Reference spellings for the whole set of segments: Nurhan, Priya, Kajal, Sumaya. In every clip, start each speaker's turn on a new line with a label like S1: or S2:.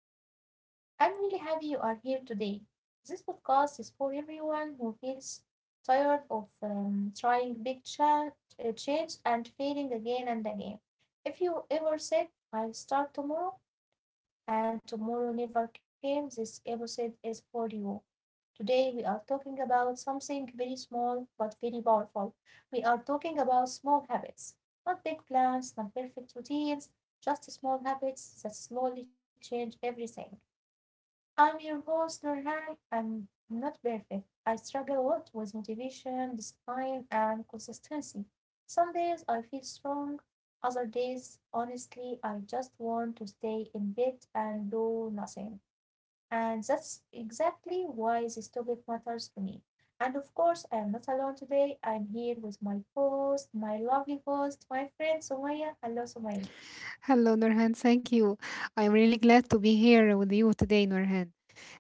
S1: and welcome. I'm really happy you are here today. This podcast is for everyone who feels tired of trying big change and failing again and again. If you ever said, I'll start tomorrow, and Tomorrow Never Came, this episode is for you. Today we are talking about something very small but very powerful. We are talking about small habits, not big plans, not perfect routines, just small habits that slowly change everything. I'm your host, Nurhan. I'm not perfect. I struggle a lot with motivation, discipline, and consistency. Some days I feel strong, other days, honestly, I just want to stay in bed and do nothing. And that's exactly why this topic matters to me. And of course, I am not alone today. I'm here with my host, my lovely host, my friend Sumaya. Hello, Sumaya.
S2: Hello, Nurhan. Thank you. I'm really glad to be here with you today, Nurhan.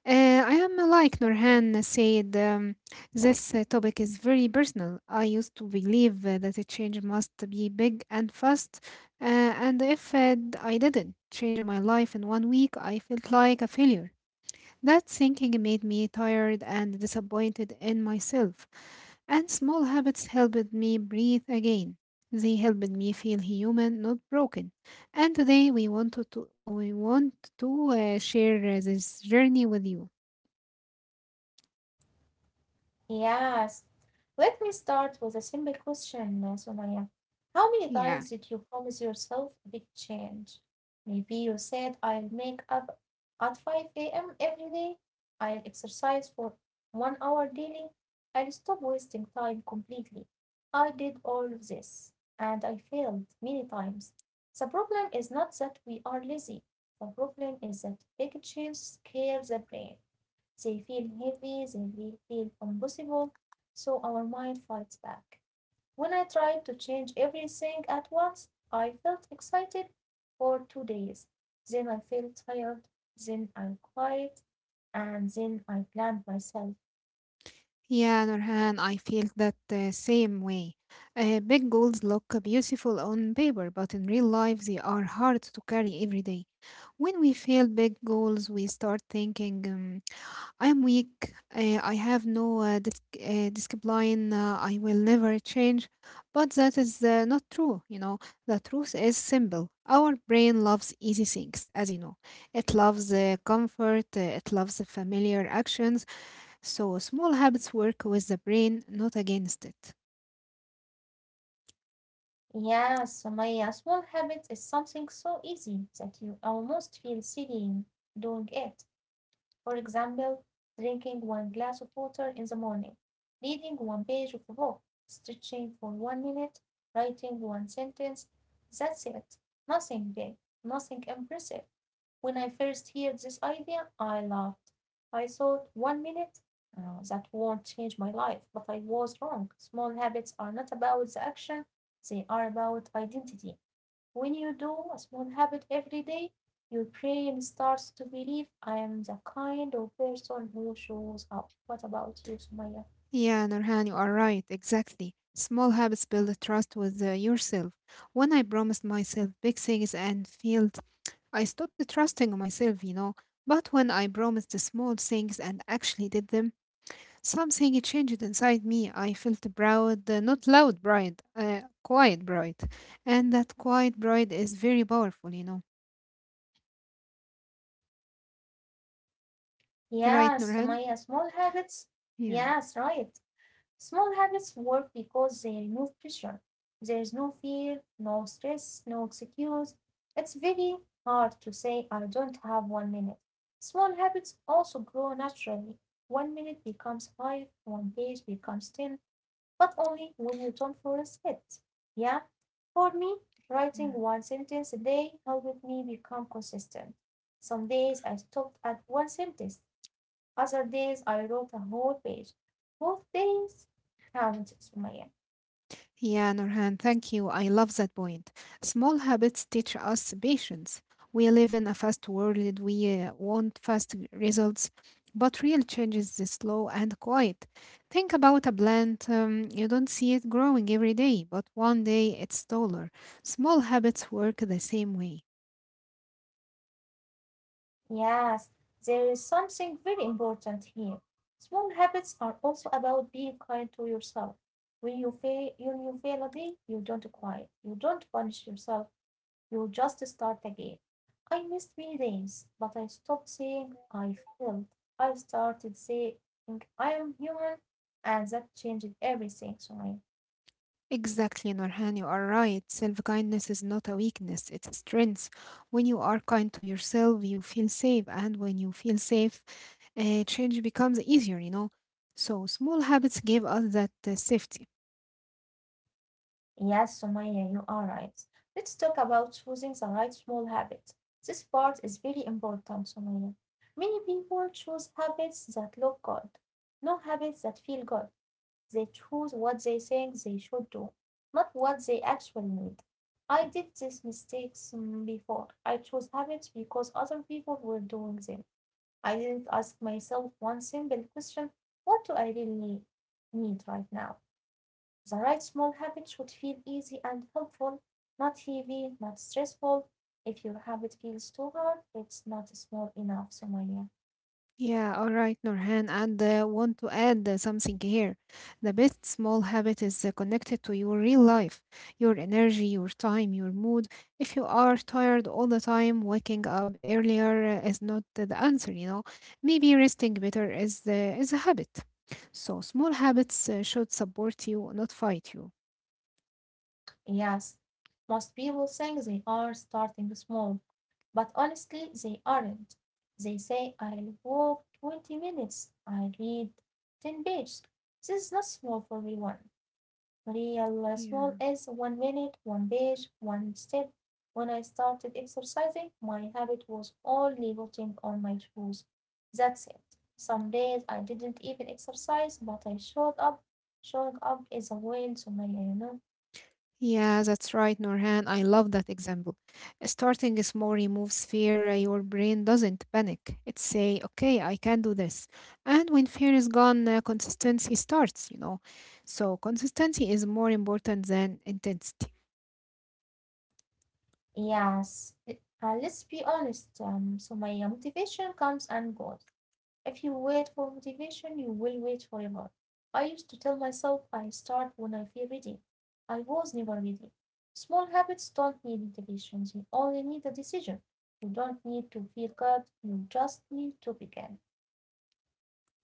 S2: I am
S1: Thank
S2: like
S1: you.
S2: Nurhan said, this topic is very personal. I used to believe that a change must be big and fast, and if I didn't change my life in one week, I felt like a failure. That thinking made me tired and disappointed in myself, and small habits helped me breathe again. They helped me feel human, not broken. And today we want to share this journey with you.
S1: Yes. Let me start with a simple question, Sumaya. How many
S2: Yeah.
S1: times did you promise yourself a big change? Maybe you said, I'll make up at 5 a.m. every day, I'll exercise for one hour daily, I'll stop wasting time completely. I did all of this, and I failed many times. The problem is not that we are lazy, the problem is that big change scares the brain. They feel heavy, they feel impossible, so our mind fights back. When I tried to change everything at once, I felt excited for 2 days, then I felt tired, then I cried, and then I blamed myself.
S2: Yeah, Nurhan, I feel that the same way. Big goals look beautiful on paper, but in real life they are hard to carry every day. When we fail big goals, we start thinking, I am weak. I have no discipline. I will never change. But that is not true. You know, the truth is simple. Our brain loves easy things, as you know. It loves comfort. It loves the familiar actions. So small habits work with the brain, not against it.
S1: Yes, Sumaya, small habits is something so easy that you almost feel silly doing it. For example, drinking one glass of water in the morning, reading one page of a book, stretching for one minute, writing one sentence. That's it. Nothing big, nothing impressive. When I first heard this idea, I laughed. I thought one minute, "Oh, that won't change my life, but I was wrong. Small habits are not about the action, they are about identity. When you do a small habit every day, your brain starts to believe I am the kind of person who shows up. What about you, Sumaya?
S2: Yeah, Nurhan, you are right. Exactly. Small habits build trust with yourself. When I promised myself big things and failed, I stopped trusting myself. But when I promised the small things and actually did them, something changed inside me. I felt proud, not loud pride, quiet pride. And that quiet pride is very powerful. Right,
S1: Yes,
S2: Nurhan?
S1: Sumaya, small habits.
S2: Yeah.
S1: Yes, right. Small habits work because they remove pressure. There is no fear, no stress, no excuse. It's very hard to say I don't have one minute. Small habits also grow naturally. One minute becomes five, one page becomes ten, but only when you don't force it. Yeah. For me,
S2: Yeah.
S1: writing one sentence a day helped me become consistent. Some days I stopped at one sentence, other days I wrote a whole page. Both days count, Sumaya.
S2: Yeah, Nurhan, thank you. I love that point. Small habits teach us patience. We live in a fast world, we want fast results, but real change is slow and quiet. Think about a plant, you don't see it growing every day, but one day it's taller. Small habits work the same way.
S1: Yes, there is something very important here. Small habits are also about being kind to yourself. When you fail a day, you don't cry, you don't punish yourself, you'll just start again. I missed many days, but I stopped saying I failed. I started saying I am human, and that changed everything, Sumaya.
S2: Exactly, Nurhan, you are right. Self kindness is not a weakness, it's a strength. When you are kind to yourself, you feel safe, and when you feel safe, change becomes easier. So small habits give us that safety.
S1: Yes, Sumaya, you are right. Let's talk about choosing the right small habit. This part is very important, Sumaya. Many people choose habits that look good, no habits that feel good. They choose what they think they should do, not what they actually need. I did these mistakes before. I chose habits because other people were doing them. I didn't ask myself one simple question, what do I really need right now? The right small habit should feel easy and helpful, not heavy, not stressful. If your habit feels too hard, it's not small enough, Somaya.
S2: Yeah, all right, Nurhan. And want to add something here. The best small habit is connected to your real life, your energy, your time, your mood. If you are tired all the time, waking up earlier is not the answer. Maybe resting better is a habit. So small habits should support you, not fight you.
S1: Yes, most people think they are starting small, but honestly they aren't. They say, "I'll walk 20 minutes, I'll read ten pages." This is not small for anyone. Real small
S2: Yeah.
S1: is one minute, one page, one step. When I started exercising, my habit was only putting on my shoes. That's it. Some days I didn't even exercise, but I showed up. Showing up is a win, Sumaya, you know.
S2: Yeah, that's right, Norhan. I love that example. Starting small removes fear. Your brain doesn't panic. It say, "Okay, I can do this." And when fear is gone, consistency starts. You know, so consistency is more important than intensity.
S1: Yes. Let's be honest, Sumaya, motivation comes and goes. If you wait for motivation, you will wait forever. I used to tell myself I start when I feel ready. I was never ready. Small habits don't need motivation, they only need a decision. You don't need to feel good, you just need to begin.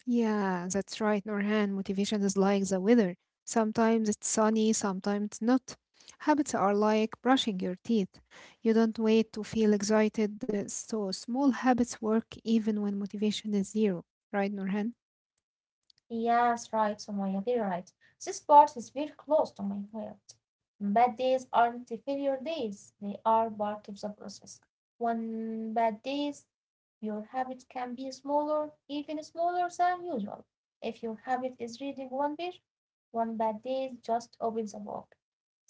S2: Yeah, that's right, Norhan. Motivation is like the weather. Sometimes it's sunny, sometimes it's not. Habits are like brushing your teeth. You don't wait to feel excited, so small habits work even when motivation is zero, right, Norhan?
S1: Yes, right, Sumaya, very right. This part is very close to my heart. Bad days aren't the failure days, they are part of the process. One bad days, your habit can be smaller, even smaller than usual. If your habit is reading one page, one bad day just opens a book.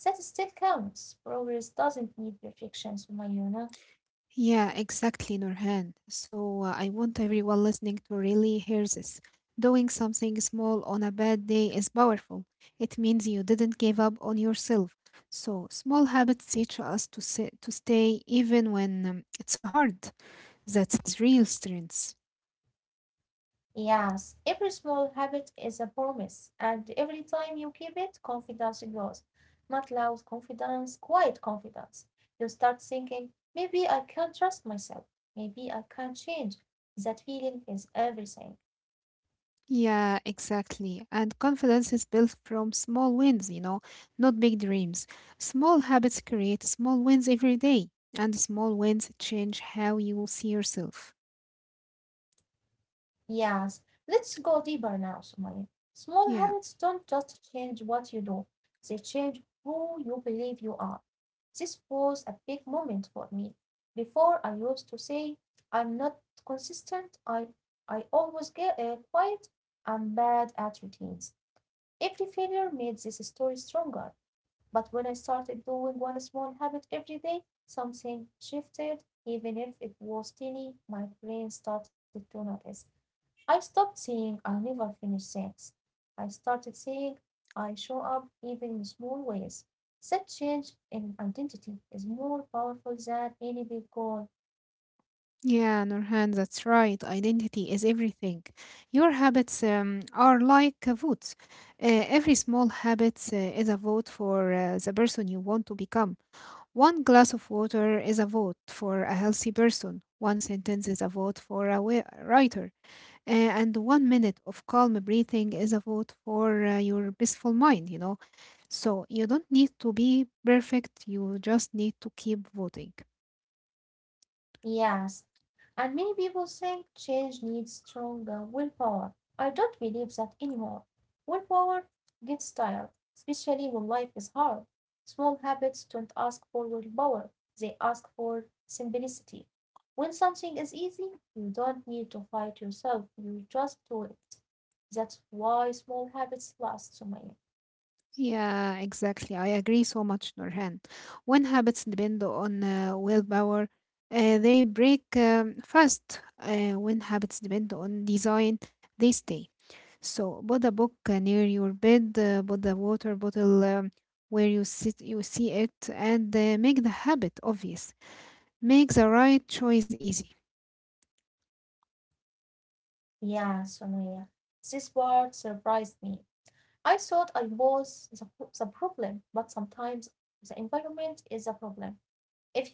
S1: That still counts. Progress doesn't need perfection, Sumaya.
S2: Yeah, exactly, Nurhan. So I want everyone listening to really hear this. Doing something small on a bad day is powerful. It means you didn't give up on yourself. So small habits teach us to stay even when it's hard. That's its real strength.
S1: Yes, every small habit is a promise, and every time you keep it, confidence grows. Not loud confidence, quiet confidence. You start thinking, maybe I can trust myself. Maybe I can change. That feeling is everything.
S2: Yeah, exactly. And confidence is built from small wins, not big dreams. Small habits create small wins every day, and small wins change how you see yourself.
S1: Yes, let's go deeper now, Sumaya. Small habits
S2: Yeah.
S1: don't just change what you do, they change who you believe you are. This was a big moment for me. Before I used to say, "I'm not consistent," I always get quit. I'm bad at routines. Every failure made this story stronger. But when I started doing one small habit every day, something shifted. Even if it was tiny, my brain started to notice. I stopped saying "I'll never finish things." I started saying "I show up even in small ways." That change in identity is more powerful than any big goal.
S2: Yeah, Nurhan, that's right. Identity is everything. Your habits are like votes. Every small habit is a vote for the person you want to become. One glass of water is a vote for a healthy person. One sentence is a vote for a writer. And one minute of calm breathing is a vote for your peaceful mind. So you don't need to be perfect, you just need to keep voting.
S1: Yes, and many people think change needs stronger willpower. I don't believe that anymore. Willpower gets tired, especially when life is hard. Small habits don't ask for willpower, they ask for simplicity. When something is easy, you don't need to fight yourself, you just do it. That's why small habits last, Sumaya.
S2: Yeah, exactly. I agree so much, Nurhan. When habits depend on willpower, they break fast. When habits depend on design, they stay. So, put a book near your bed, put a water bottle where you sit, you see it, and make the habit obvious. Make the right choice easy.
S1: Yeah, Sumaya. This part surprised me. I thought I was the problem, but sometimes the environment is a problem.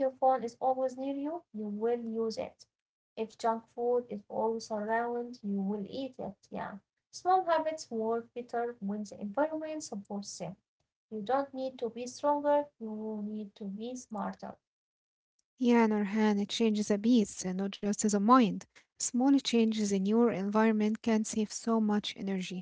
S1: If your phone is always near you, you will use it. If junk food is always around, you will eat it. Yeah. Small habits work better when the environment supports them. You don't need to be stronger, you need to be smarter.
S2: Yeah, Nurhan, it changes a beast, not just as a mind. Small changes in your environment can save so much energy.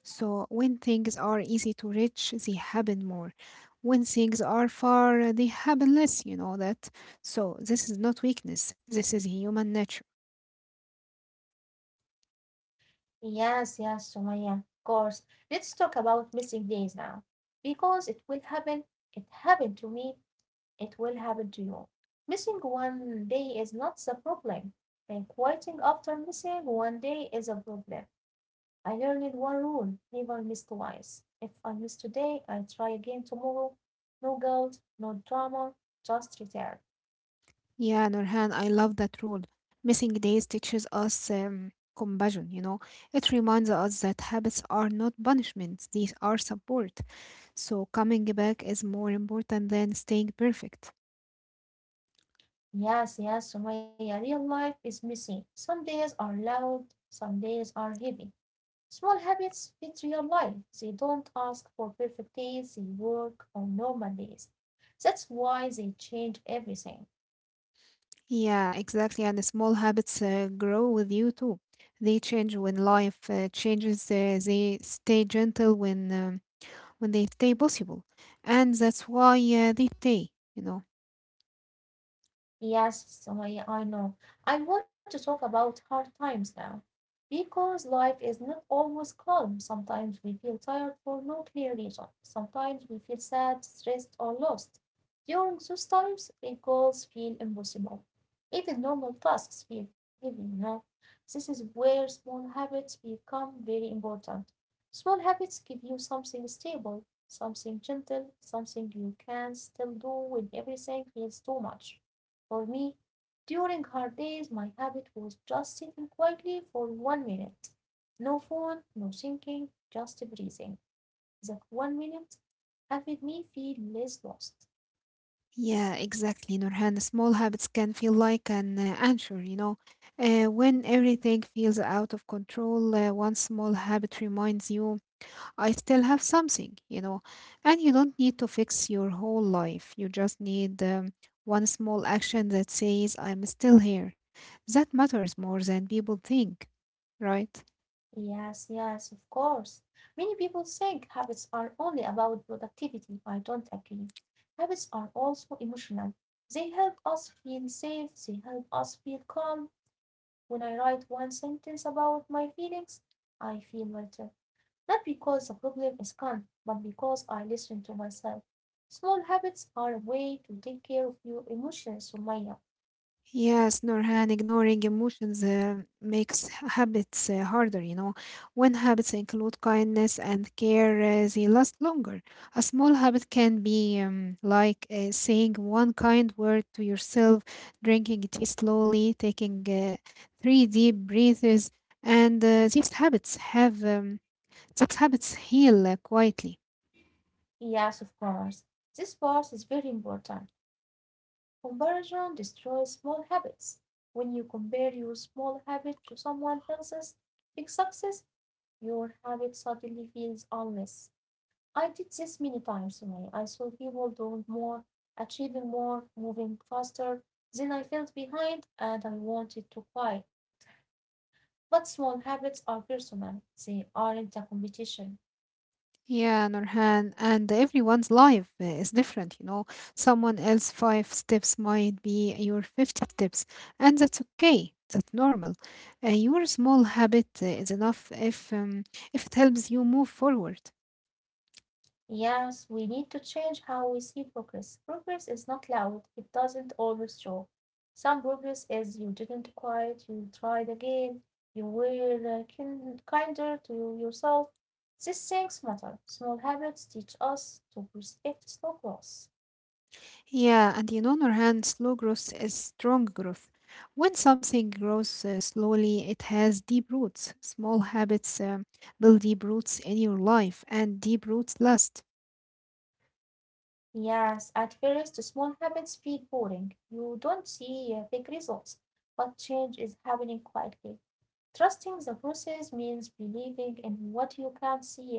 S2: So when things are easy to reach, they happen more. When things are far, they happen less, you know that. So this is not weakness, this is human nature.
S1: Yes, yes, Sumaya, of course. Let's talk about missing days now. Because it will happen, it happened to me, it will happen to you. Missing one day is not the problem, and quitting after missing one day is a problem. I learned one rule, never miss twice. If I miss today, I'll try again tomorrow. No guilt, no drama, just return.
S2: Yeah, Nurhan, I love that rule. Missing days teaches us compassion. It reminds us that habits are not punishments, these are support. So coming back is more important than staying perfect.
S1: Yes, yes, Sumaya, real life is messy. Some days are loud, some days are heavy. Small habits fit real life. They don't ask for perfect days, they work on normal days. That's why they change everything.
S2: Yeah, exactly. And the small habits grow with you too. They change when life changes. They stay gentle when they stay possible, and that's why they stay. You know.
S1: Yes, Sumaya, I know. I want to talk about hard times now. Because life is not always calm. Sometimes we feel tired for no clear reason. Sometimes we feel sad, stressed, or lost. During those times, big goals feel impossible. Even normal tasks feel heavy, you know. This is where small habits become very important. Small habits give you something stable, something gentle, something you can still do when everything feels too much. For me, during her days my habit was just sitting quietly for one minute. No phone, no thinking, just breathing. That one minute had made me feel less lost.
S2: Yeah, exactly, Nurhan. Small habits can feel like an anchor. You know, when everything feels out of control, one small habit reminds you I still have something. And you don't need to fix your whole life. You just need one small action that says, I'm still here. That matters more than people think, right?
S1: Yes, yes, of course. Many people think habits are only about productivity. I don't agree. Habits are also emotional. They help us feel safe, they help us feel calm. When I write one sentence about my feelings, I feel better. Not because the problem is gone, but because I listen to myself. Small habits are a way to take care of your emotions, Sumaya.
S2: Yes, Norhan, ignoring emotions makes habits harder. When habits include kindness and care, they last longer. A small habit can be like saying one kind word to yourself, drinking tea slowly, taking three deep breaths, and these habits heal quietly.
S1: Yes, of course. This part is very important. Comparison destroys small habits. When you compare your small habit to someone else's big success, your habit suddenly feels unless. I did this many times, Sumaya. I saw people doing more, achieving more, moving faster. Then I felt behind and I wanted to quit. But small habits are personal, they aren't a competition.
S2: Yeah, Nurhan, and everyone's life is different. Someone else five steps might be your 50 steps, and that's okay. That's normal. Your small habit is enough if it helps you move forward.
S1: Yes, we need to change how we see progress. Progress is not loud, it doesn't always show. Some progress is you didn't quit, you tried again, you were kinder to yourself. These things matter. Small habits teach us to respect slow growth.
S2: Yeah, and in other hand, slow growth is strong growth. When something grows slowly, it has deep roots. Small habits build deep roots in your life, and deep roots last.
S1: Yes, at first small habits feel boring. You don't see big results, but change is happening quietly. Trusting the process means believing in what you can't see yet.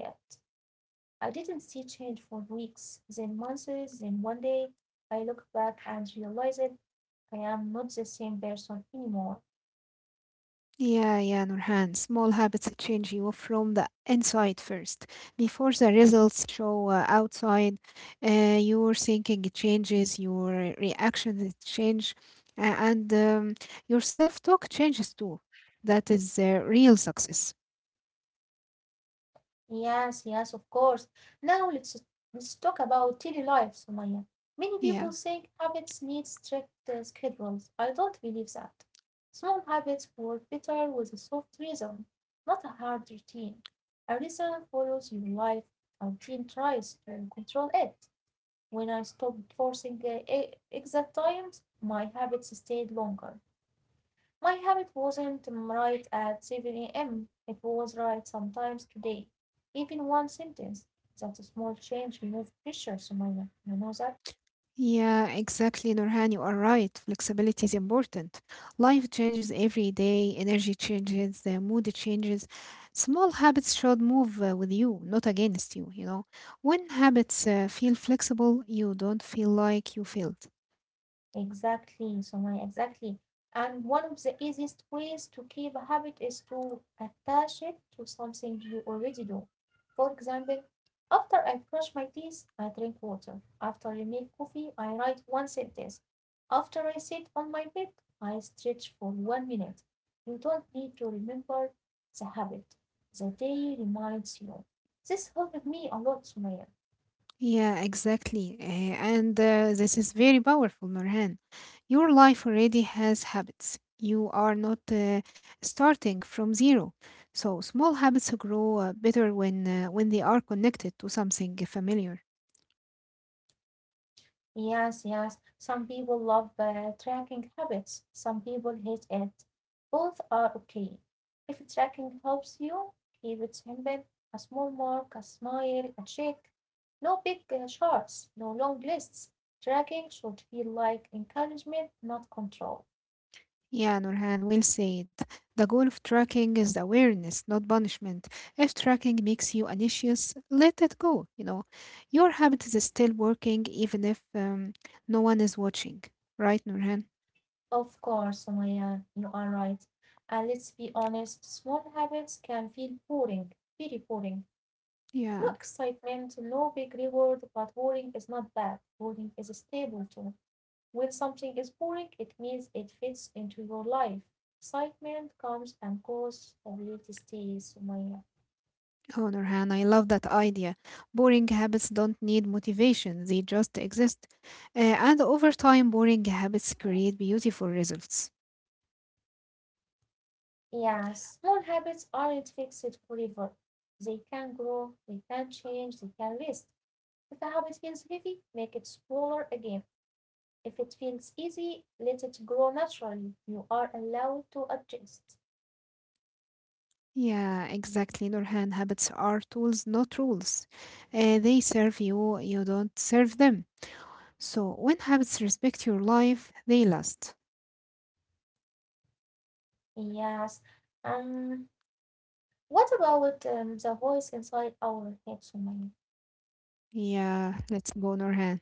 S1: I didn't see change for weeks, then months, then one day I look back and realize it. I am not the same person anymore.
S2: Yeah, yeah, Nurhan. Small habits change you from the inside first. Before the results show outside, your thinking changes, your reactions change, and your self talk changes too. That is real success.
S1: Yes, yes, of course. Now let's talk about daily life, Sumaya. Many
S2: Yeah.
S1: people think habits need strict schedules. I don't believe that. Small habits work better with a soft rhythm, not a hard routine. A rhythm follows your life. A routine tries to control it. When I stopped forcing exact times, my habits stayed longer. My habit wasn't right at 7 a.m. It was right sometimes today. Even one sentence. That's a small change removed pressure, Sumaya. You know that?
S2: Yeah, exactly, Nurhan. You are right. Flexibility is important. Life changes every day, energy changes, the mood changes. Small habits should move with you, not against you, you know. When habits feel flexible, you don't feel like you failed.
S1: Exactly, Sumaya, exactly. And one of the easiest ways to keep a habit is to attach it to something you already do. For example, after I brush my teeth, I drink water. After I make coffee, I write one sentence. After I sit on my bed, I stretch for 1 minute. You don't need to remember the habit. The day reminds you. This helped me a lot, Sumaya.
S2: Yeah, exactly. And this is very powerful, Norhan. Your life already has habits. You are not starting from zero. So small habits grow better when they are connected to something familiar.
S1: Yes, yes. Some people love tracking habits, some people hate it. Both are okay. If tracking helps you, keep it simple. A small mark, a smile, a check. No big charts, no long lists. Tracking should feel like encouragement, not control.
S2: Yeah, Norhan will say it. The goal of tracking is awareness, not punishment. If tracking makes you anxious, let it go. You know, your habit is still working even if no one is watching. Right, Norhan?
S1: Of course, Maya, you are right. And let's be honest, small habits can feel boring, very boring. No
S2: Yeah.
S1: excitement, no big reward, but boring is not bad. Boring is a stable too. When something is boring, it means it fits into your life. Excitement comes and goes, stability stays, Sumaya.
S2: Oh, Nurhan, I love that idea. Boring habits don't need motivation, they just exist. And over time, boring habits create beautiful results.
S1: Yeah, small habits aren't fixed forever. They can grow, they can change, they can rest. If a habit feels heavy, make it smaller again. If it feels easy, let it grow naturally. You are allowed to adjust.
S2: Yeah, exactly, Nurhan. Habits are tools, not rules. They serve you, you don't serve them. So when habits respect your life, they last.
S1: Yes. Um, What about the voice inside our head, Sumaya?
S2: Yeah, let's go, Nurhan.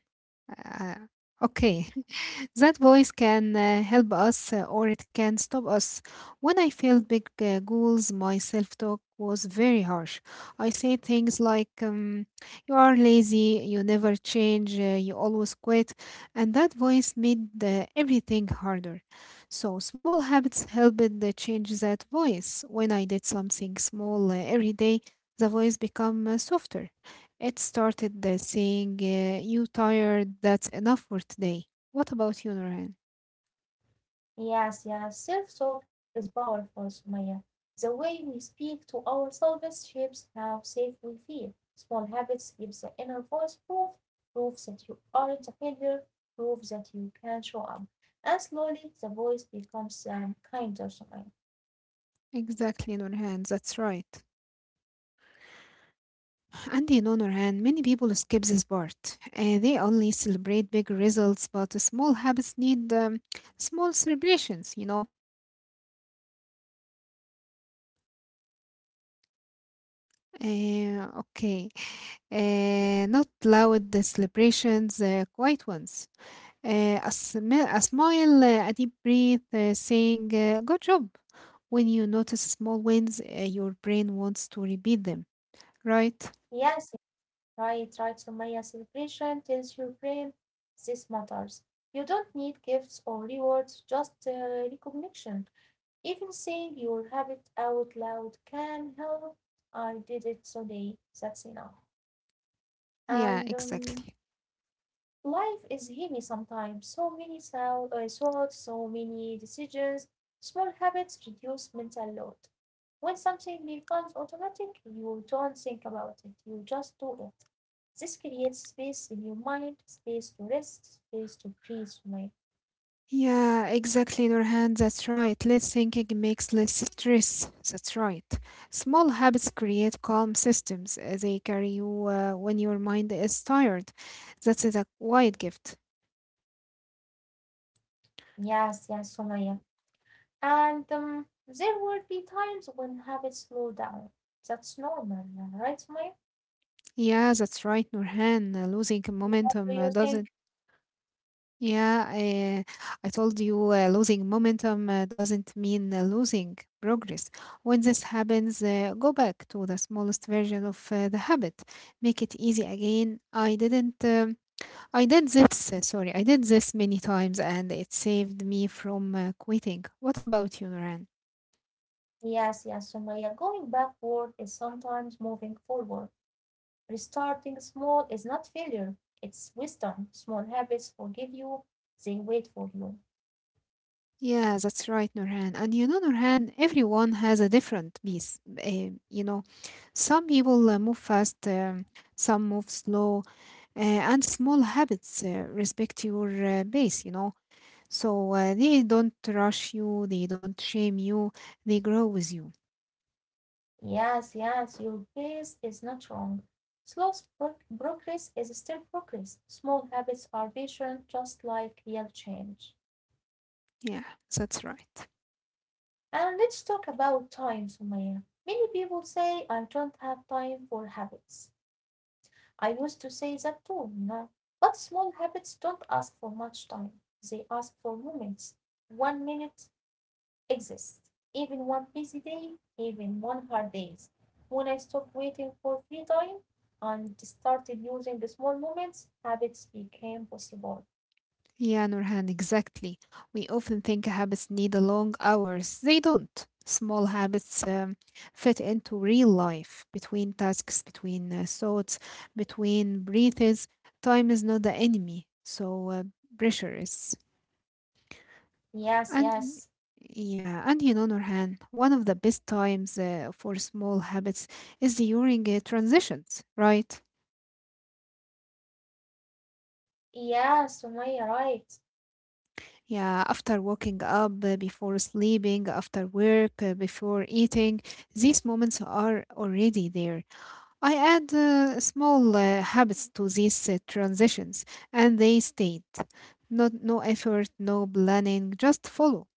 S2: Uh, okay, that voice can help us or it can stop us. When I failed big goals, my self talk was very harsh. I said things like, you are lazy, you never change, you always quit. And that voice made everything harder. So, small habits helped change that voice. When I did something small every day, the voice become softer. It started saying, you tired, that's enough for today. What about you, Nurhan?
S1: Yes, yes, self talk is powerful, Sumaya. The way we speak to ourselves shapes how safe we feel. Small habits give the inner voice proof, proof that you aren't a failure, proof that you can show up. And slowly the voice becomes kinder, Sumaya.
S2: Exactly, Nurhan, that's right. And you know, Nurhan, many people skip this part. They only celebrate big results, but small habits need small celebrations. Okay, not loud celebrations, quiet ones. A smile, a deep breath, saying, good job. When you notice small wins, your brain wants to repeat them, right?
S1: Yes, right, right, Sumaya. Celebration tells your brain this matters. You don't need gifts or rewards, just recognition. Even saying your habit out loud can help. I did it today. That's enough. And
S2: Yeah, exactly.
S1: life is heavy sometimes. So many thoughts, so many decisions. Small habits reduce mental load. When something becomes automatic, you don't think about it. You just do it. This creates space in your mind, space to rest, space to breathe. Sumaya.
S2: Yeah, exactly, Nurhan. That's right. Less thinking makes less stress. That's right. Small habits create calm systems. They carry you when your mind is tired. That is a quiet gift.
S1: Yes, yes, Sumaya. And there will be times when habits slow down. That's normal, right, Sumaya?
S2: Yeah, that's right, Nurhan. Losing
S1: And what
S2: momentum
S1: do you
S2: doesn't.
S1: think?
S2: Yeah, I told you losing momentum doesn't mean losing progress. When this happens, go back to the smallest version of the habit. Make it easy again. I didn't, I did this, sorry, I did this many times and it saved me from quitting. What about you, Noran?
S1: Yes, yes, Sumaya. Going backward is sometimes moving forward. Restarting small is not failure, it's wisdom. Small habits forgive you, they wait for you.
S2: Yeah, that's right, Nurhan. And you know, Nurhan, everyone has a different pace. Some people move fast, some move slow, and small habits respect your pace. So they don't rush you, they don't shame you, they grow with you.
S1: Yes, yes, your pace is not wrong. Slow progress is still progress. Small habits are patient, just like real change.
S2: Yeah, that's right.
S1: And let's talk about time, Sumaya. Many people say I don't have time for habits. I used to say that too, you know. But small habits don't ask for much time. They ask for moments. 1 minute exists. Even one busy day, even one hard day. When I stopped waiting for free time and started using the small moments, habits became possible.
S2: Yeah, Nurhan, exactly. We often think habits need a long hours. They don't. Small habits fit into real life, between tasks, between thoughts, between breathes. Time is not the enemy, so pressure is.
S1: Yes,
S2: And
S1: yes.
S2: yeah, and Nurhan, one of the best times for small habits is during transitions, right?
S1: Yes, Sumaya, right.
S2: Yeah, after waking up, before sleeping, after work, before eating, these moments are already there. I add small habits to these transitions, and they stayed. Not no effort, no planning, just follow.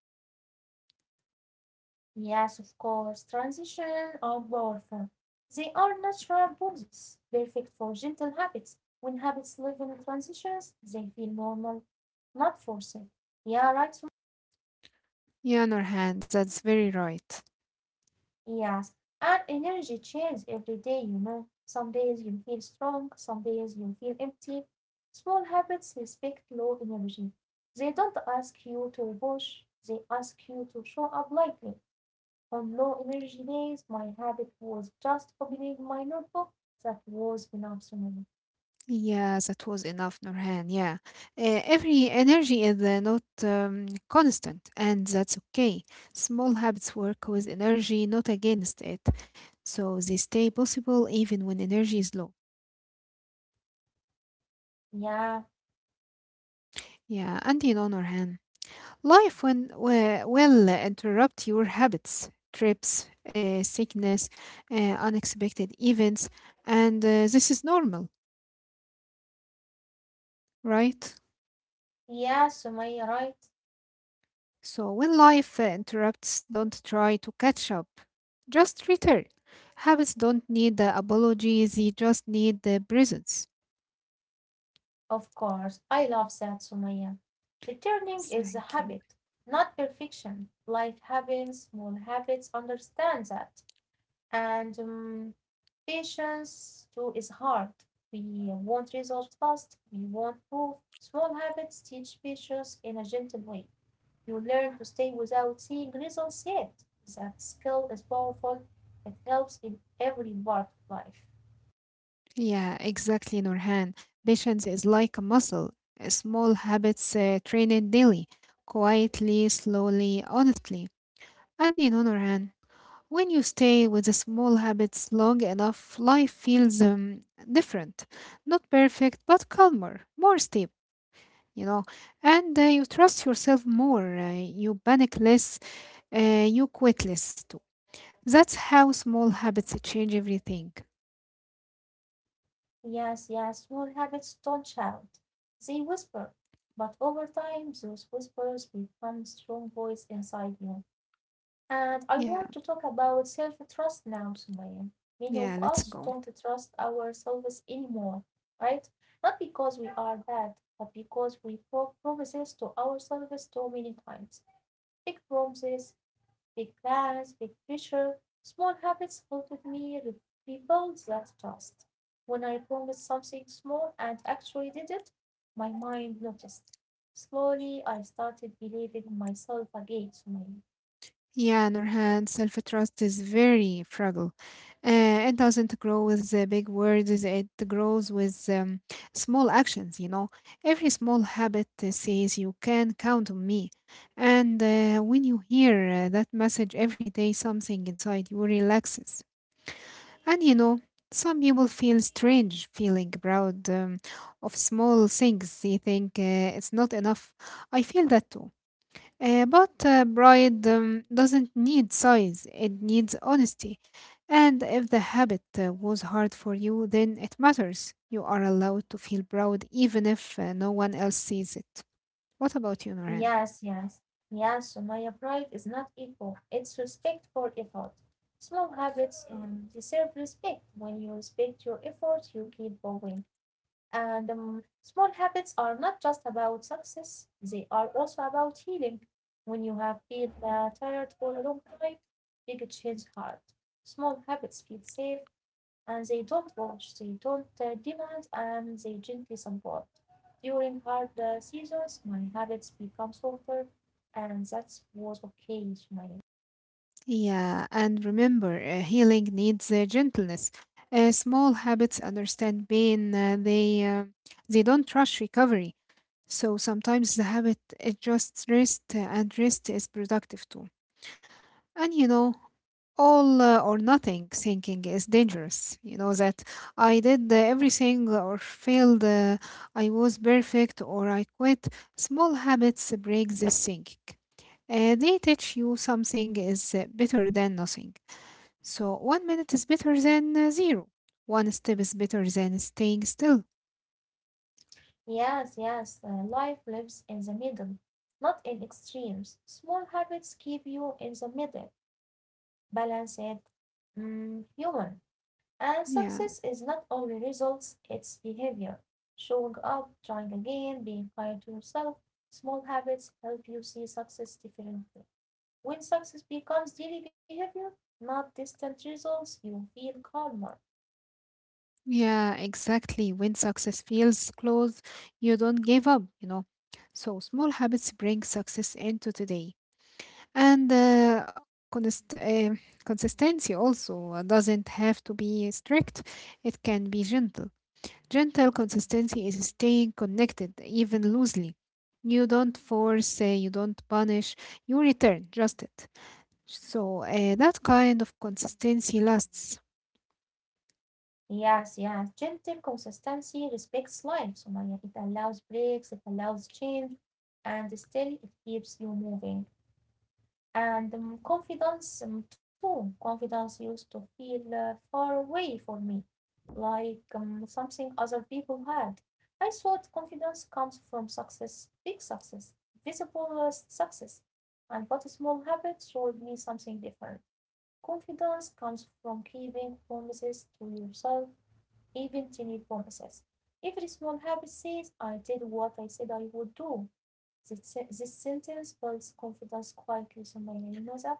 S1: Yes, of course. Transitions are powerful. They are natural pulses, perfect for gentle habits. When habits live in transitions, they feel normal, not forced. Yeah, right. Sum-
S2: Yeah, Nurhan, that's very right.
S1: Yes, and energy changes every day, you know. Some days you feel strong, some days you feel empty. Small habits respect low energy. They don't ask you to push, they ask you to show up lightly. On low energy days, my habit was just opening my notebook. That was enough, Sumaya.
S2: Yeah, that was enough, Nurhan. Yeah, every energy is not constant, and that's okay. Small habits work with energy, not against it. So they stay possible even when energy is low.
S1: Yeah,
S2: Yeah, and in other hand, life when will interrupt your habits, trips, sickness, unexpected events, and this is normal, right?
S1: yeah, Sumaya, right?
S2: So when life interrupts, don't try to catch up. Just return. Habits don't need the apology; they just need the presence.
S1: Of course, I love that, Sumaya. Returning is a
S2: Thank you.
S1: habit, not perfection. Life happens, small habits, understand that. And patience too is hard. We want results fast, we want proof. Small habits teach patience in a gentle way. You learn to stay without seeing results yet. That skill is powerful. It helps in every part of life.
S2: Yeah, exactly, Nurhan. Patience is like a muscle. Small habits train it daily, quietly, slowly, honestly. And Nurhan, when you stay with the small habits long enough, life feels different. Not perfect, but calmer, more stable, you know. And you trust yourself more, you panic less, you quit less too. That's how small habits change everything.
S1: Yes, yes, small habits don't shout. They whisper. But over time, those whispers become strong voice inside you. And I
S2: Yeah,
S1: want to talk about self-trust now, Sumaya. Many of
S2: yeah,
S1: us
S2: let's
S1: don't
S2: go.
S1: trust ourselves anymore, right? Not because we are bad, but because we broke promises to ourselves too many times. Big promises, big plans, big picture, small habits helped me rebuild that trust. When I promised something small and actually did it, my mind noticed. Slowly, I started believing in myself again, Sumaya.
S2: Yeah, Nurhan, self trust is very fragile. It doesn't grow with the big words, it grows with small actions. Every small habit says, "You can count on me." And when you hear that message every day, something inside you relaxes. And some people feel strange feeling proud of small things. They think it's not enough. I feel that too. But pride doesn't need size, it needs honesty. And if the habit was hard for you, then it matters. You are allowed to feel proud even if no one else sees it. What about you, Noran?
S1: Yes, yes, yes, Sumaya, pride is not ego, it's respect for effort. Small habits deserve respect. When you respect your effort, you keep going. And small habits are not just about success, they are also about healing. When you have been tired for a long time, big change hard. Small habits feel safe and they don't watch, they don't demand, and they gently support. During hard seasons, my habits become softer, and that was okay. Sumaya.
S2: Yeah, and remember, healing needs gentleness. Small habits understand pain, they don't rush recovery. So sometimes the habit is just rest, and rest is productive too. And all or nothing thinking is dangerous. You know that I did everything or failed, I was perfect or I quit. Small habits break this thinking. They teach you something is better than nothing. So one minute is better than zero. One step is better than staying still.
S1: Yes, yes, life lives in the middle, not in extremes. Small habits keep you in the middle balanced, human. And success is
S2: Yeah,
S1: not only results, it's behavior. Showing up, trying again, being kind to yourself, small habits help you see success differently. When success becomes daily behavior, not distant results, you feel calmer.
S2: yeah, exactly. When success feels close, you don't give up. So small habits bring success into today. And consist- uh, consistency also doesn't have to be strict, it can be gentle. Gentle consistency is staying connected, even loosely. You don't force, you don't punish, you return, just it. So that kind of consistency lasts.
S1: Yes, yes. Gentle consistency respects life, Sumaya. It allows breaks, it allows change, and still it keeps you moving. And confidence too. Confidence used to feel far away for me, like something other people had. I thought confidence comes from success, big success, visible success. And what small habit showed me something different. Confidence comes from keeping promises to yourself, even tiny promises. Every small habit says, I did what I said I would do. This, this sentence builds confidence quietly, Sumaya. You know that?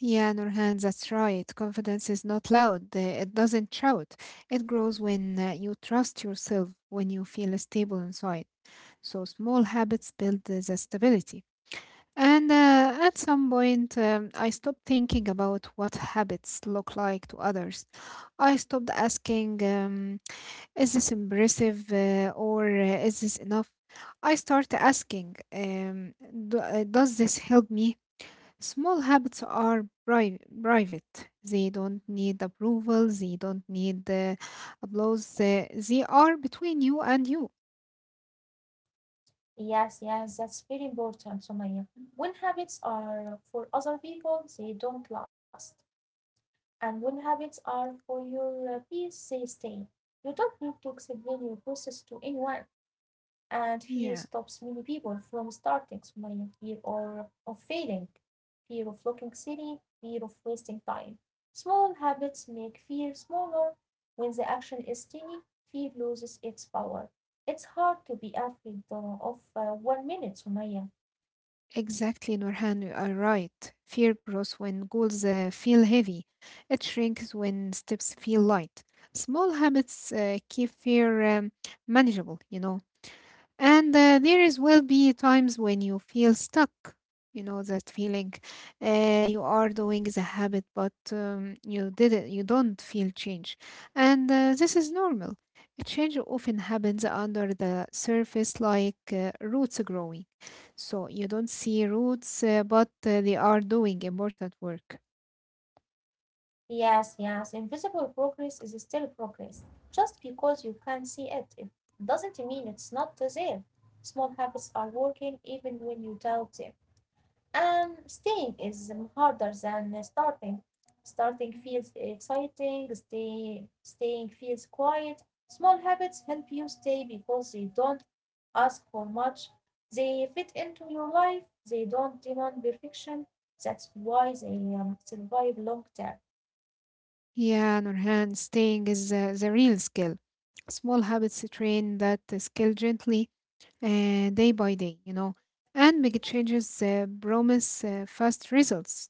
S2: Yeah, Nurhan, that's right. Confidence is not loud, it doesn't shout. It grows when you trust yourself, when you feel stable inside. So small habits build the stability. And at some point, I stopped thinking about what habits look like to others. I stopped asking, is this impressive or is this enough? I start asking, does this help me? Small habits are private. They don't need approval. They don't need applause. They are between you and you.
S1: Yes, yes, that's very important, Sumaya. When habits are for other people, they don't last. And when habits are for your peace, they stay. You don't need to explain your process to anyone. And fear
S2: Yeah.
S1: stops many people from starting smiling, fear or of failing, fear of looking silly, fear of wasting time. Small habits make fear smaller. When the action is tiny, fear loses its power. It's hard to be afraid of 1 minute, Sumaya.
S2: Exactly, Nurhan, you are right. Fear grows when goals feel heavy. It shrinks when steps feel light. Small habits keep fear manageable. And there is will be times when you feel stuck. You know that feeling. You are doing the habit, but you didn't. You don't feel change, and this is normal. A change often happens under the surface, like roots growing. So you don't see roots, but they are doing important work.
S1: Yes, yes, invisible progress is still progress. Just because you can't see it, it doesn't mean it's not there. Small habits are working even when you doubt them. Staying is harder than starting. Starting feels exciting, staying feels quiet. Small habits help you stay because they don't ask for much. They fit into your life, they don't demand perfection. That's why they survive long term.
S2: Yeah, Nurhan, staying is the real skill. Small habits train that skill gently day by day. And big changes promise fast results.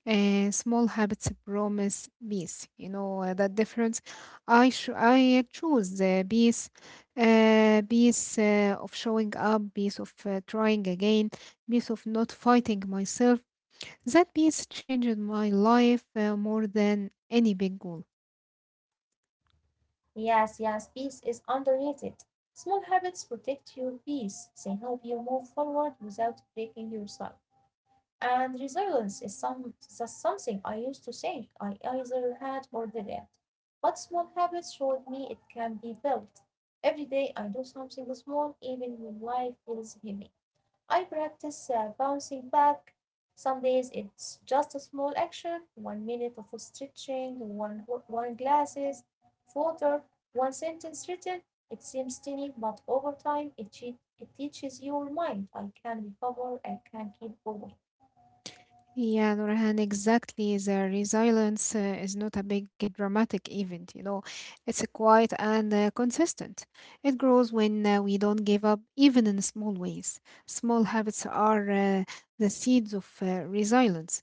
S2: Small habits promise peace. You know that difference. I choose the peace, peace of showing up, peace of trying again, peace of not fighting myself. That peace changed my life more than any big goal.
S1: Yes, yes, peace is underrated. Small habits protect your peace, they help you move forward without breaking yourself. And resilience is some just something I used to think I either had or didn't. But small habits showed me it can be built. Every day I do something small, even when life feels heavy. I practice bouncing back. Some days it's just a small action, 1 minute of stretching, one glasses of water, one sentence written. It seems tiny, but over time it teaches your mind. I can recover, and can keep going.
S2: Yeah, Nurhan, exactly. The resilience is not a big dramatic event. It's a quiet and consistent. It grows when we don't give up, even in small ways. Small habits are the seeds of resilience.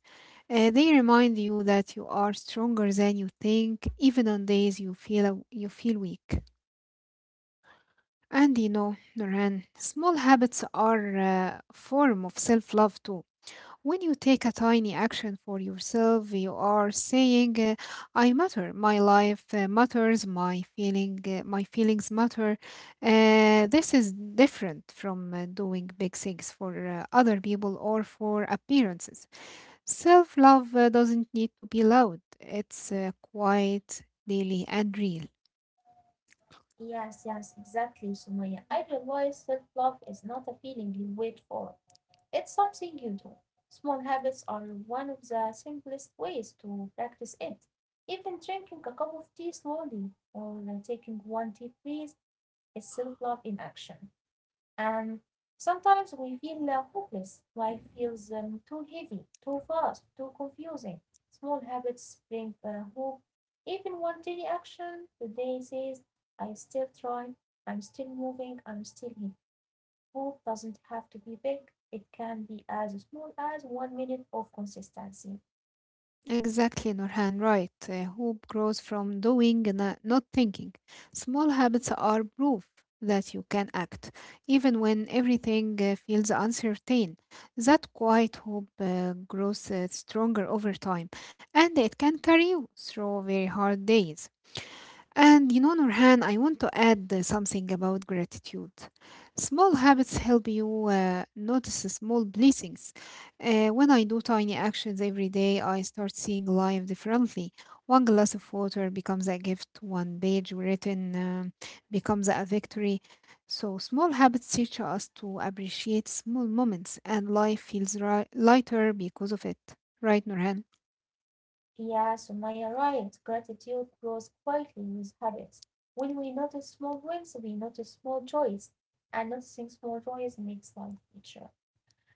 S2: They remind you that you are stronger than you think, even on days you feel weak. And Nurhan, small habits are a form of self-love too. When you take a tiny action for yourself, you are saying, "I matter. My life matters. My feeling, my feelings matter." This is different from doing big things for other people or for appearances. Self love doesn't need to be loud. It's quiet, daily, and real.
S1: Yes, yes, exactly, Sumaya. I realize self-love is not a feeling you wait for. It's something you do. Small habits are one of the simplest ways to practice it. Even drinking a cup of tea slowly or taking one deep breath is self-love in action. And sometimes we feel hopeless. Life feels too heavy, too fast, too confusing. Small habits bring hope. Even one tiny action today says, I still try, I'm still moving, I'm still here. Hope doesn't have to be big, it can be as small as 1 minute of consistency.
S2: Exactly, Nurhan, right. Hope grows from doing, not thinking. Small habits are proof that you can act, even when everything feels uncertain. That quiet hope grows stronger over time, and it can carry you through very hard days. And Nurhan, I want to add something about gratitude. Small habits help you notice the small blessings. When I do tiny actions every day, I start seeing life differently. One glass of water becomes a gift, one page written becomes a victory. So, small habits teach us to appreciate small moments, and life feels lighter because of it. Right, Nurhan?
S1: Yeah, Sumaya, right. Gratitude grows quietly with habits. When we notice small wins, we notice small joys, and noticing small joys makes life richer.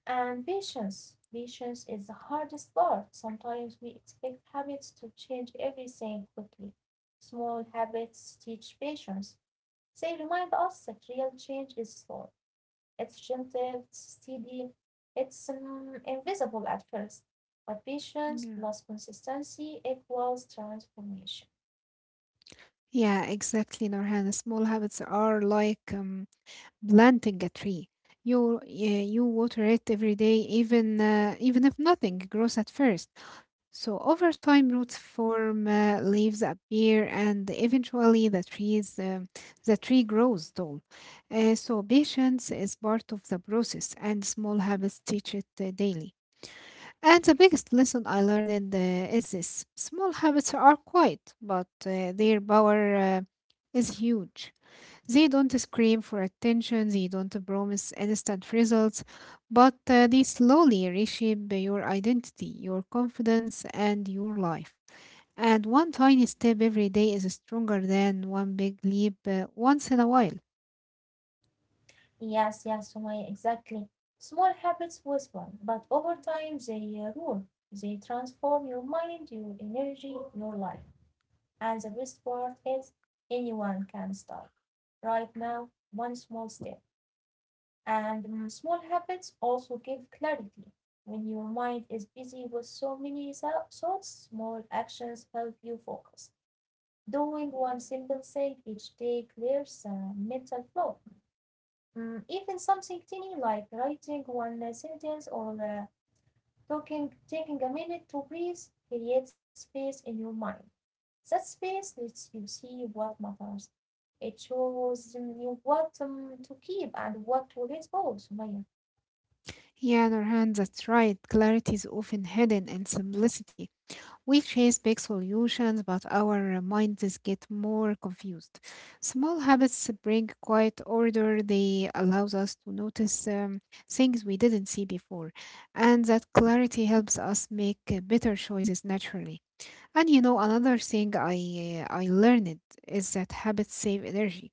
S1: And patience. Patience is the hardest part. Sometimes we expect habits to change everything quickly. Small habits teach patience. They remind us that real change is slow. It's gentle, it's steady, it's invisible at first, but patience
S2: Yeah.
S1: plus consistency equals transformation.
S2: Yeah, exactly, Nurhan. Small habits are like planting a tree. You yeah, you water it every day, even if nothing grows at first. So over time, roots form, leaves appear, and eventually the tree grows tall. So patience is part of the process, and small habits teach it daily. And the biggest lesson I learned is this: small habits are quiet, but their power is huge. They don't scream for attention, they don't promise instant results, but they slowly reshape your identity, your confidence, and your life. And one tiny step every day is stronger than one big leap once in a while.
S1: Yes, yes, Sumaya, exactly. Small habits whisper, but over time they rule. They transform your mind, your energy, your life. And the best part is anyone can start. Right now, one small step. And small habits also give clarity. When your mind is busy with so many thoughts, small actions help you focus. Doing one simple thing each day clears the mental flow. Even something tiny like writing one sentence or taking a minute to breathe creates space in your mind. That space lets you see what matters. It shows you what to keep and what to let go, Sumaya.
S2: Yeah, Nurhan, that's right. Clarity is often hidden in simplicity. We chase big solutions, but our minds get more confused. Small habits bring quiet order. They allows us to notice things we didn't see before, and that clarity helps us make better choices naturally. And another thing I learned is that habits save energy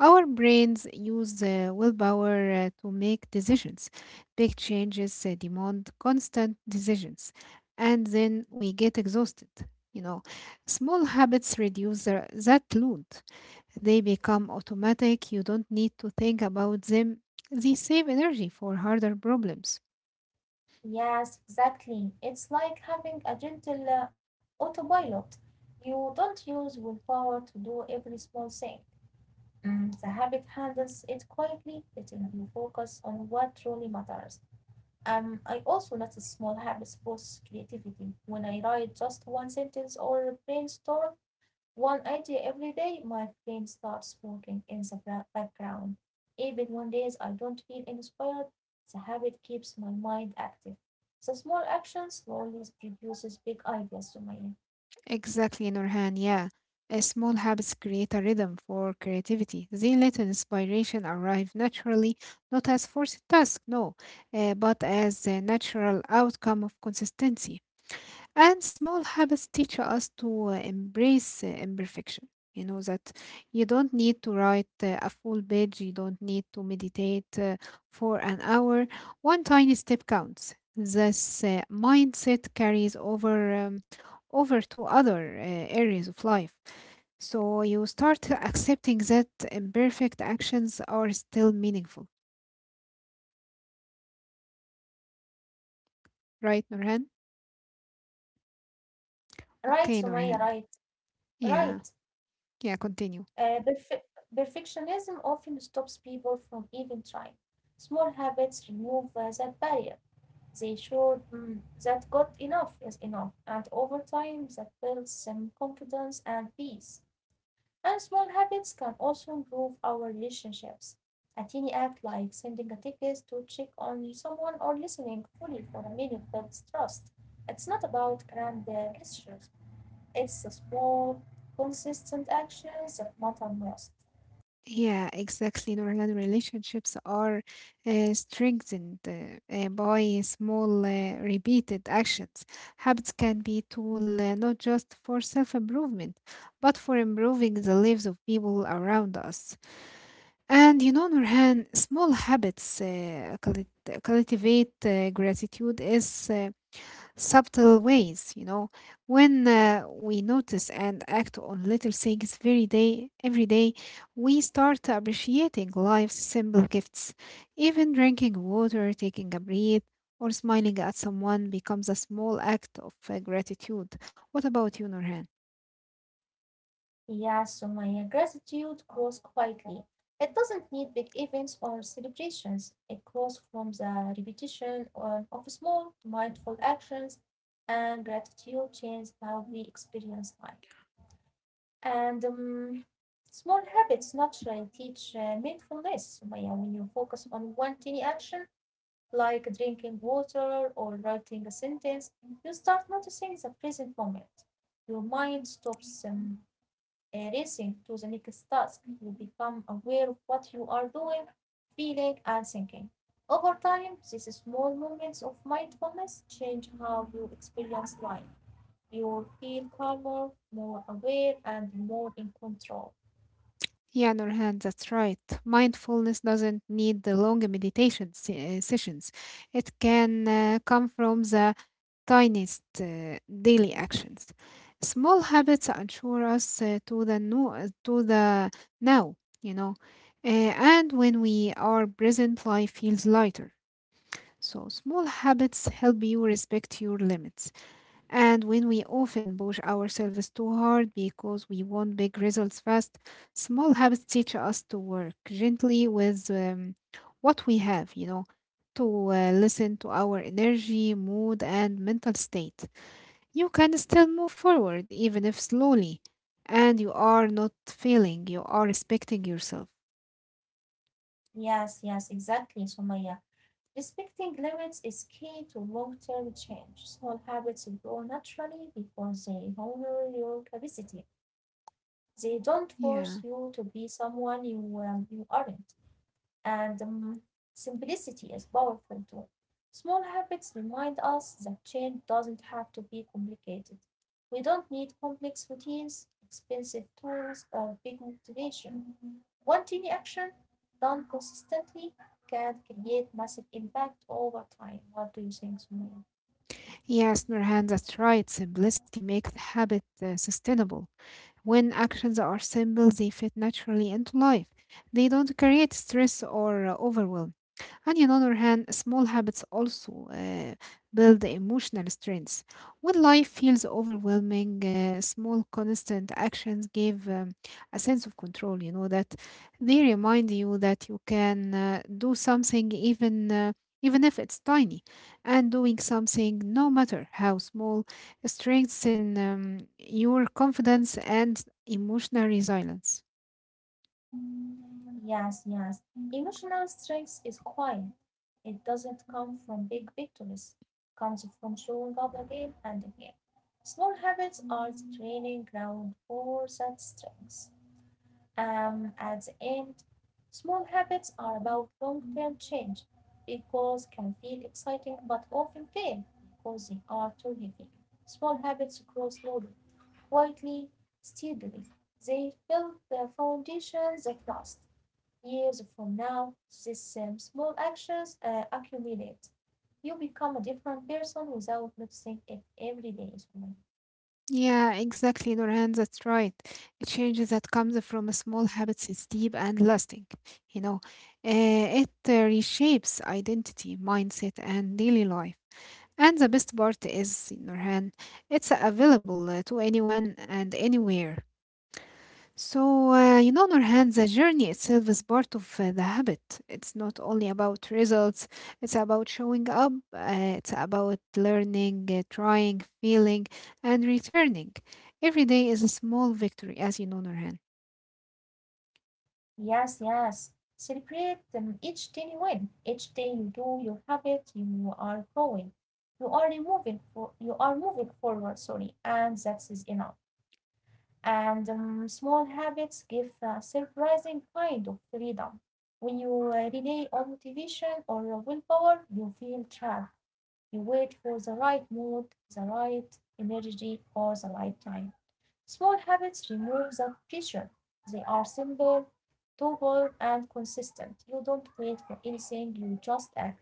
S2: our brains use willpower to make decisions. Big changes demand constant decisions, and then we get exhausted. You know, Small habits reduce that load. They become automatic. You don't need to think about them. They save energy for harder problems.
S1: Yes, exactly. It's like having a gentle autopilot. You don't use willpower to do every small thing. The habit handles it quietly, letting you focus on what truly matters. I also notice small habits boost creativity. When I write just one sentence or brainstorm, one idea every day, my friend starts working in the background. Even on days I don't feel inspired, the habit keeps my mind active. The small action slowly produces big ideas, Sumaya.
S2: Exactly, Nurhan. Yeah. a Small habits create a rhythm for creativity. They let inspiration arrive naturally, not as forced task, no, but as a natural outcome of consistency. And small habits teach us to embrace imperfection. You know that you don't need to write a full page, you don't need to meditate for an hour. One tiny step counts. This mindset carries over. Over to other areas of life. So you start accepting that imperfect actions are still meaningful, right, Norhan?
S1: Right,
S2: Okay,
S1: Sumaya,
S2: Norhan.
S1: right,
S2: Yeah,
S1: right.
S2: yeah, continue.
S1: Uh, perfe- Perfectionism often stops people from even trying. Small habits remove that barrier. They show that good enough is enough, and over time that builds some confidence and peace. And small habits can also improve our relationships. A teeny act like sending a text to check on someone or listening fully for a minute builds trust. It's not about grand gestures, it's the small, consistent actions that matter most.
S2: Yeah, exactly. Norhan relationships are strengthened by small, repeated actions. Habits can be a tool not just for self-improvement, but for improving the lives of people around us. And Norhan, small habits cultivate gratitude is subtle ways when we notice and act on little things very day every day, we start appreciating life's simple gifts, even drinking water, taking a breath, or smiling at someone becomes a small act of gratitude. What about you, Nurhan?
S1: Yeah, Sumaya, gratitude grows quietly. It doesn't need big events or celebrations. It grows from the of small, mindful actions, and gratitude changes how we experience life. And small habits naturally teach mindfulness, Sumaya, when you focus on one tiny action, like drinking water or writing a sentence, you start noticing the present moment. Your mind stops racing to the next task, you become aware of what you are doing, feeling, and thinking. Over time, these small moments of mindfulness change how you experience life. You feel calmer, more aware, and more in control.
S2: Yeah, Nurhan, that's right. Mindfulness doesn't need the long meditation sessions. It can come from the tiniest daily actions. Small habits anchor us to the no, to the now, you know. Uh, and when we are present, life feels lighter. So small habits help you respect your limits. And when we often push ourselves too hard because we want big results fast, small habits teach us to work gently with what we have, you know, to listen to our energy, mood, and mental state. You can still move forward, even if slowly, and you are not failing, you are respecting yourself.
S1: Yes, yes, exactly, Sumaya. Respecting limits is key to long term change. Small habits grow naturally because they honor your capacity. They don't force
S2: Yeah.
S1: you to be someone you aren't. And simplicity is powerful too. Small habits remind us that change doesn't have to be complicated. We don't need complex routines, expensive tools, or big motivation. One tiny action done consistently can create massive impact over time. What do you think, Sumaya?
S2: Yes, Nurhan, that's right. Simplicity makes the habit sustainable. When actions are simple, they fit naturally into life. They don't create stress or overwhelm. And on the other hand, small habits also build emotional strength. When life feels overwhelming, small constant actions give a sense of control. You know that they remind you that you can do something even even if it's tiny, and doing something no matter how small strengthens your confidence and emotional resilience.
S1: Yes, yes. Emotional strength is quiet. It doesn't come from big victories. It comes from showing up again and again. Small habits are the training ground for that strength. At the end, small habits are about long-term change. Big goals can feel exciting but often fail because they are too heavy. Small habits grow slowly, quietly, steadily. They build the foundations that last. Years from now these same small actions accumulate. You become a different person without noticing it every day.
S2: Yeah, exactly, Nurhan. That's right. A change that comes from small habits is deep and lasting. You know, it reshapes identity, mindset, and daily life. And the best part is, Nurhan, it's available to anyone and anywhere. So, you know, Nurhan, the journey itself is part of the habit. It's not only about results, it's about showing up, it's about learning, trying, feeling, and returning. Every day is a small victory, as you know, Nurhan.
S1: Yes, yes. Celebrate each day you win, each day you do your habit, you are growing. You are moving forward, sorry, and that is enough. And small habits give a surprising kind of freedom. When you rely on motivation or your willpower, you feel trapped. You wait for the right mood, the right energy, or the right time. Small habits remove the pressure. They are simple, doable, and consistent. You don't wait for anything, you just act.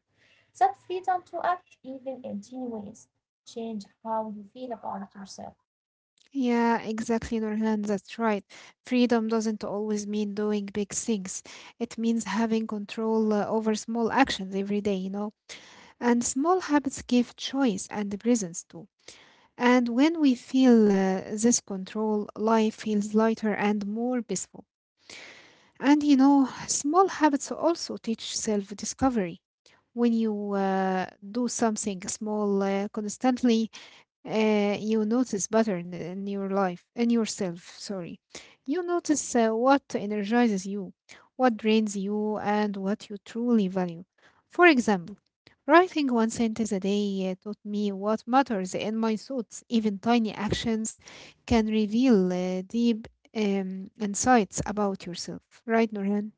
S1: That freedom to act, even in tiny ways, change how you feel about yourself.
S2: Yeah, exactly, Nurhan, that's right. Freedom doesn't always mean doing big things, it means having control over small actions every day, you know. And small habits give choice and presence too. And when we feel this control, life feels lighter and more peaceful. And you know, small habits also teach self discovery. When you do something small constantly, you notice pattern in your life, in yourself, sorry. You notice what energizes you, what drains you, and what you truly value. For example, writing one sentence a day taught me what matters in my thoughts. Even tiny actions can reveal deep insights about yourself. Right, Nurhan?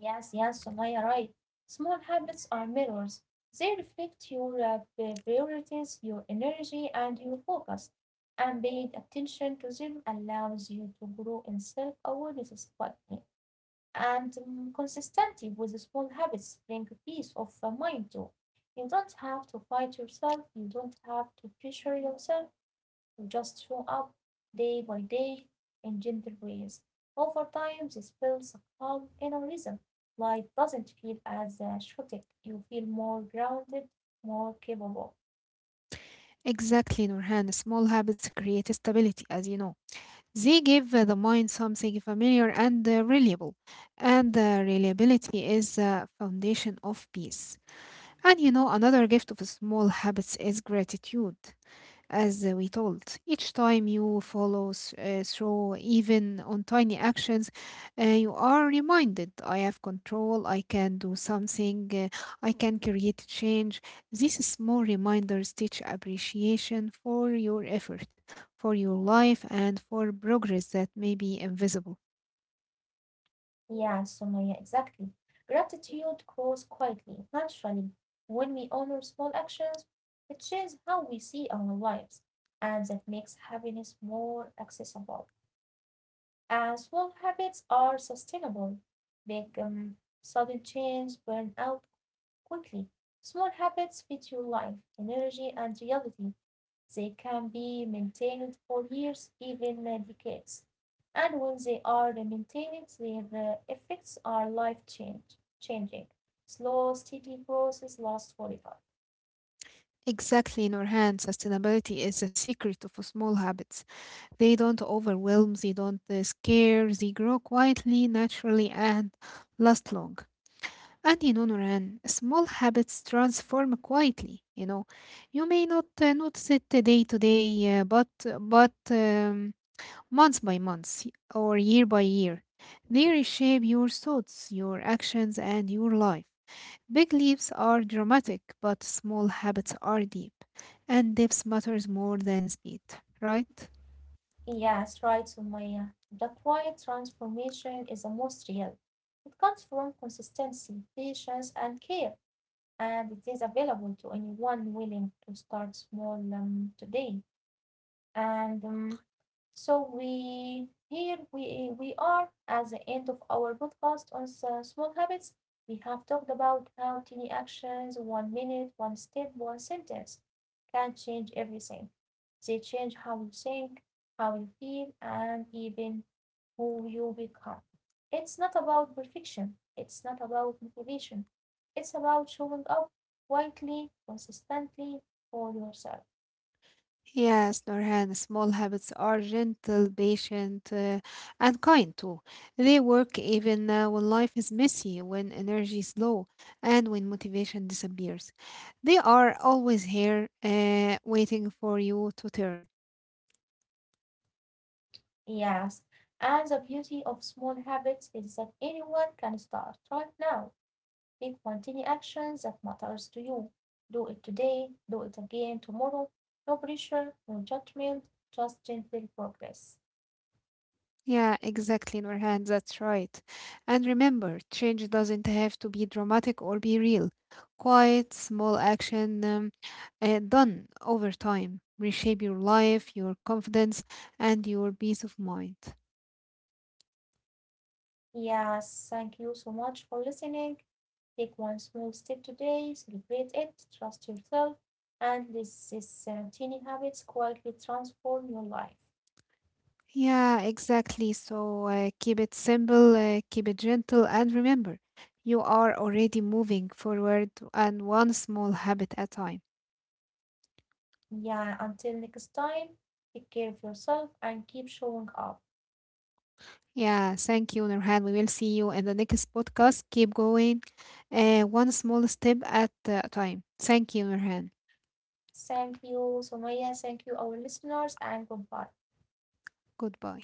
S1: Yes, yes, Sumaya, right. Small habits are mirrors. They reflect your priorities, your energy, and your focus. And paying attention to them allows you to grow in self awareness quickly. And consistency with the small habits bring peace of mind too. You don't have to fight yourself, you don't have to pressure yourself to just show up day by day in gentle ways. Over time, this builds a calm inner rhythm. Life doesn't feel as chaotic. You feel more grounded, more capable.
S2: Exactly, Nurhan. Small habits create stability, as you know. They give the mind something familiar and reliable. And reliability is the foundation of peace. And you know, another gift of small habits is gratitude. As we told, each time you follow through, even on tiny actions, you are reminded I have control, I can do something, I can create change. These small reminders teach appreciation for your effort, for your life, and for progress that may be invisible.
S1: Yeah, Sumaya, exactly. Gratitude grows quietly, naturally. When we honor small actions, it changes how we see our lives, and that makes happiness more accessible. And small habits are sustainable. Big sudden change, burnout, quickly. Small habits fit your life, energy, and reality; they can be maintained for years, even decades, and when they are maintained their effects are life changing. Slow, steady process lasts forever."
S2: Exactly, in our hands, sustainability is a secret of small habits. They don't overwhelm, they don't scare, they grow quietly, naturally, and last long. And you know, Noran, small habits transform quietly. You know, you may not notice it day to day, but month by month or year by year, they reshape your thoughts, your actions, and your life. Big leaps are dramatic, but small habits are deep, and depth matters more than speed, right?
S1: "Yes," right, Sumaya, "the quiet transformation is the most real. It comes from consistency, patience, and care, and it is available to anyone willing to start small today. And so we here we are at the end of our podcast on the small habits. We have talked about how tiny actions, one minute, one step, one sentence, can change everything. They change how you think, how you feel, and even who you become. It's not about perfection. It's not about motivation. It's about showing up quietly, consistently for yourself.
S2: Yes, Norhan, small habits are gentle, patient, and kind too. They work even when life is messy, when energy is low, and when motivation disappears. They are always here, waiting for you to turn.
S1: Yes, and the beauty of small habits is that anyone can start right now. Pick one tiny action that matters to you. Do it today, do it again tomorrow. No pressure, no judgment, just gentle progress.
S2: Yeah, exactly, Nurhan, that's right. And remember, change doesn't have to be dramatic or be real. Quiet, small action done over time reshape your life, your confidence, and your peace of mind.
S1: Yes, thank you so much for listening. Take one small step today, celebrate it, trust yourself, and let these tiny habits quietly transform your life.
S2: Yeah, exactly. So keep it simple, keep it gentle, and remember, you are already moving forward and one small habit at a time.
S1: Yeah, until next time, take care of yourself and keep showing up.
S2: Yeah, thank you, Nurhan. We will see you in the next podcast. Keep going, one small step at a time. Thank you, Nurhan.
S1: Thank you, Sumaya. Thank you, our listeners, and goodbye.
S2: Goodbye.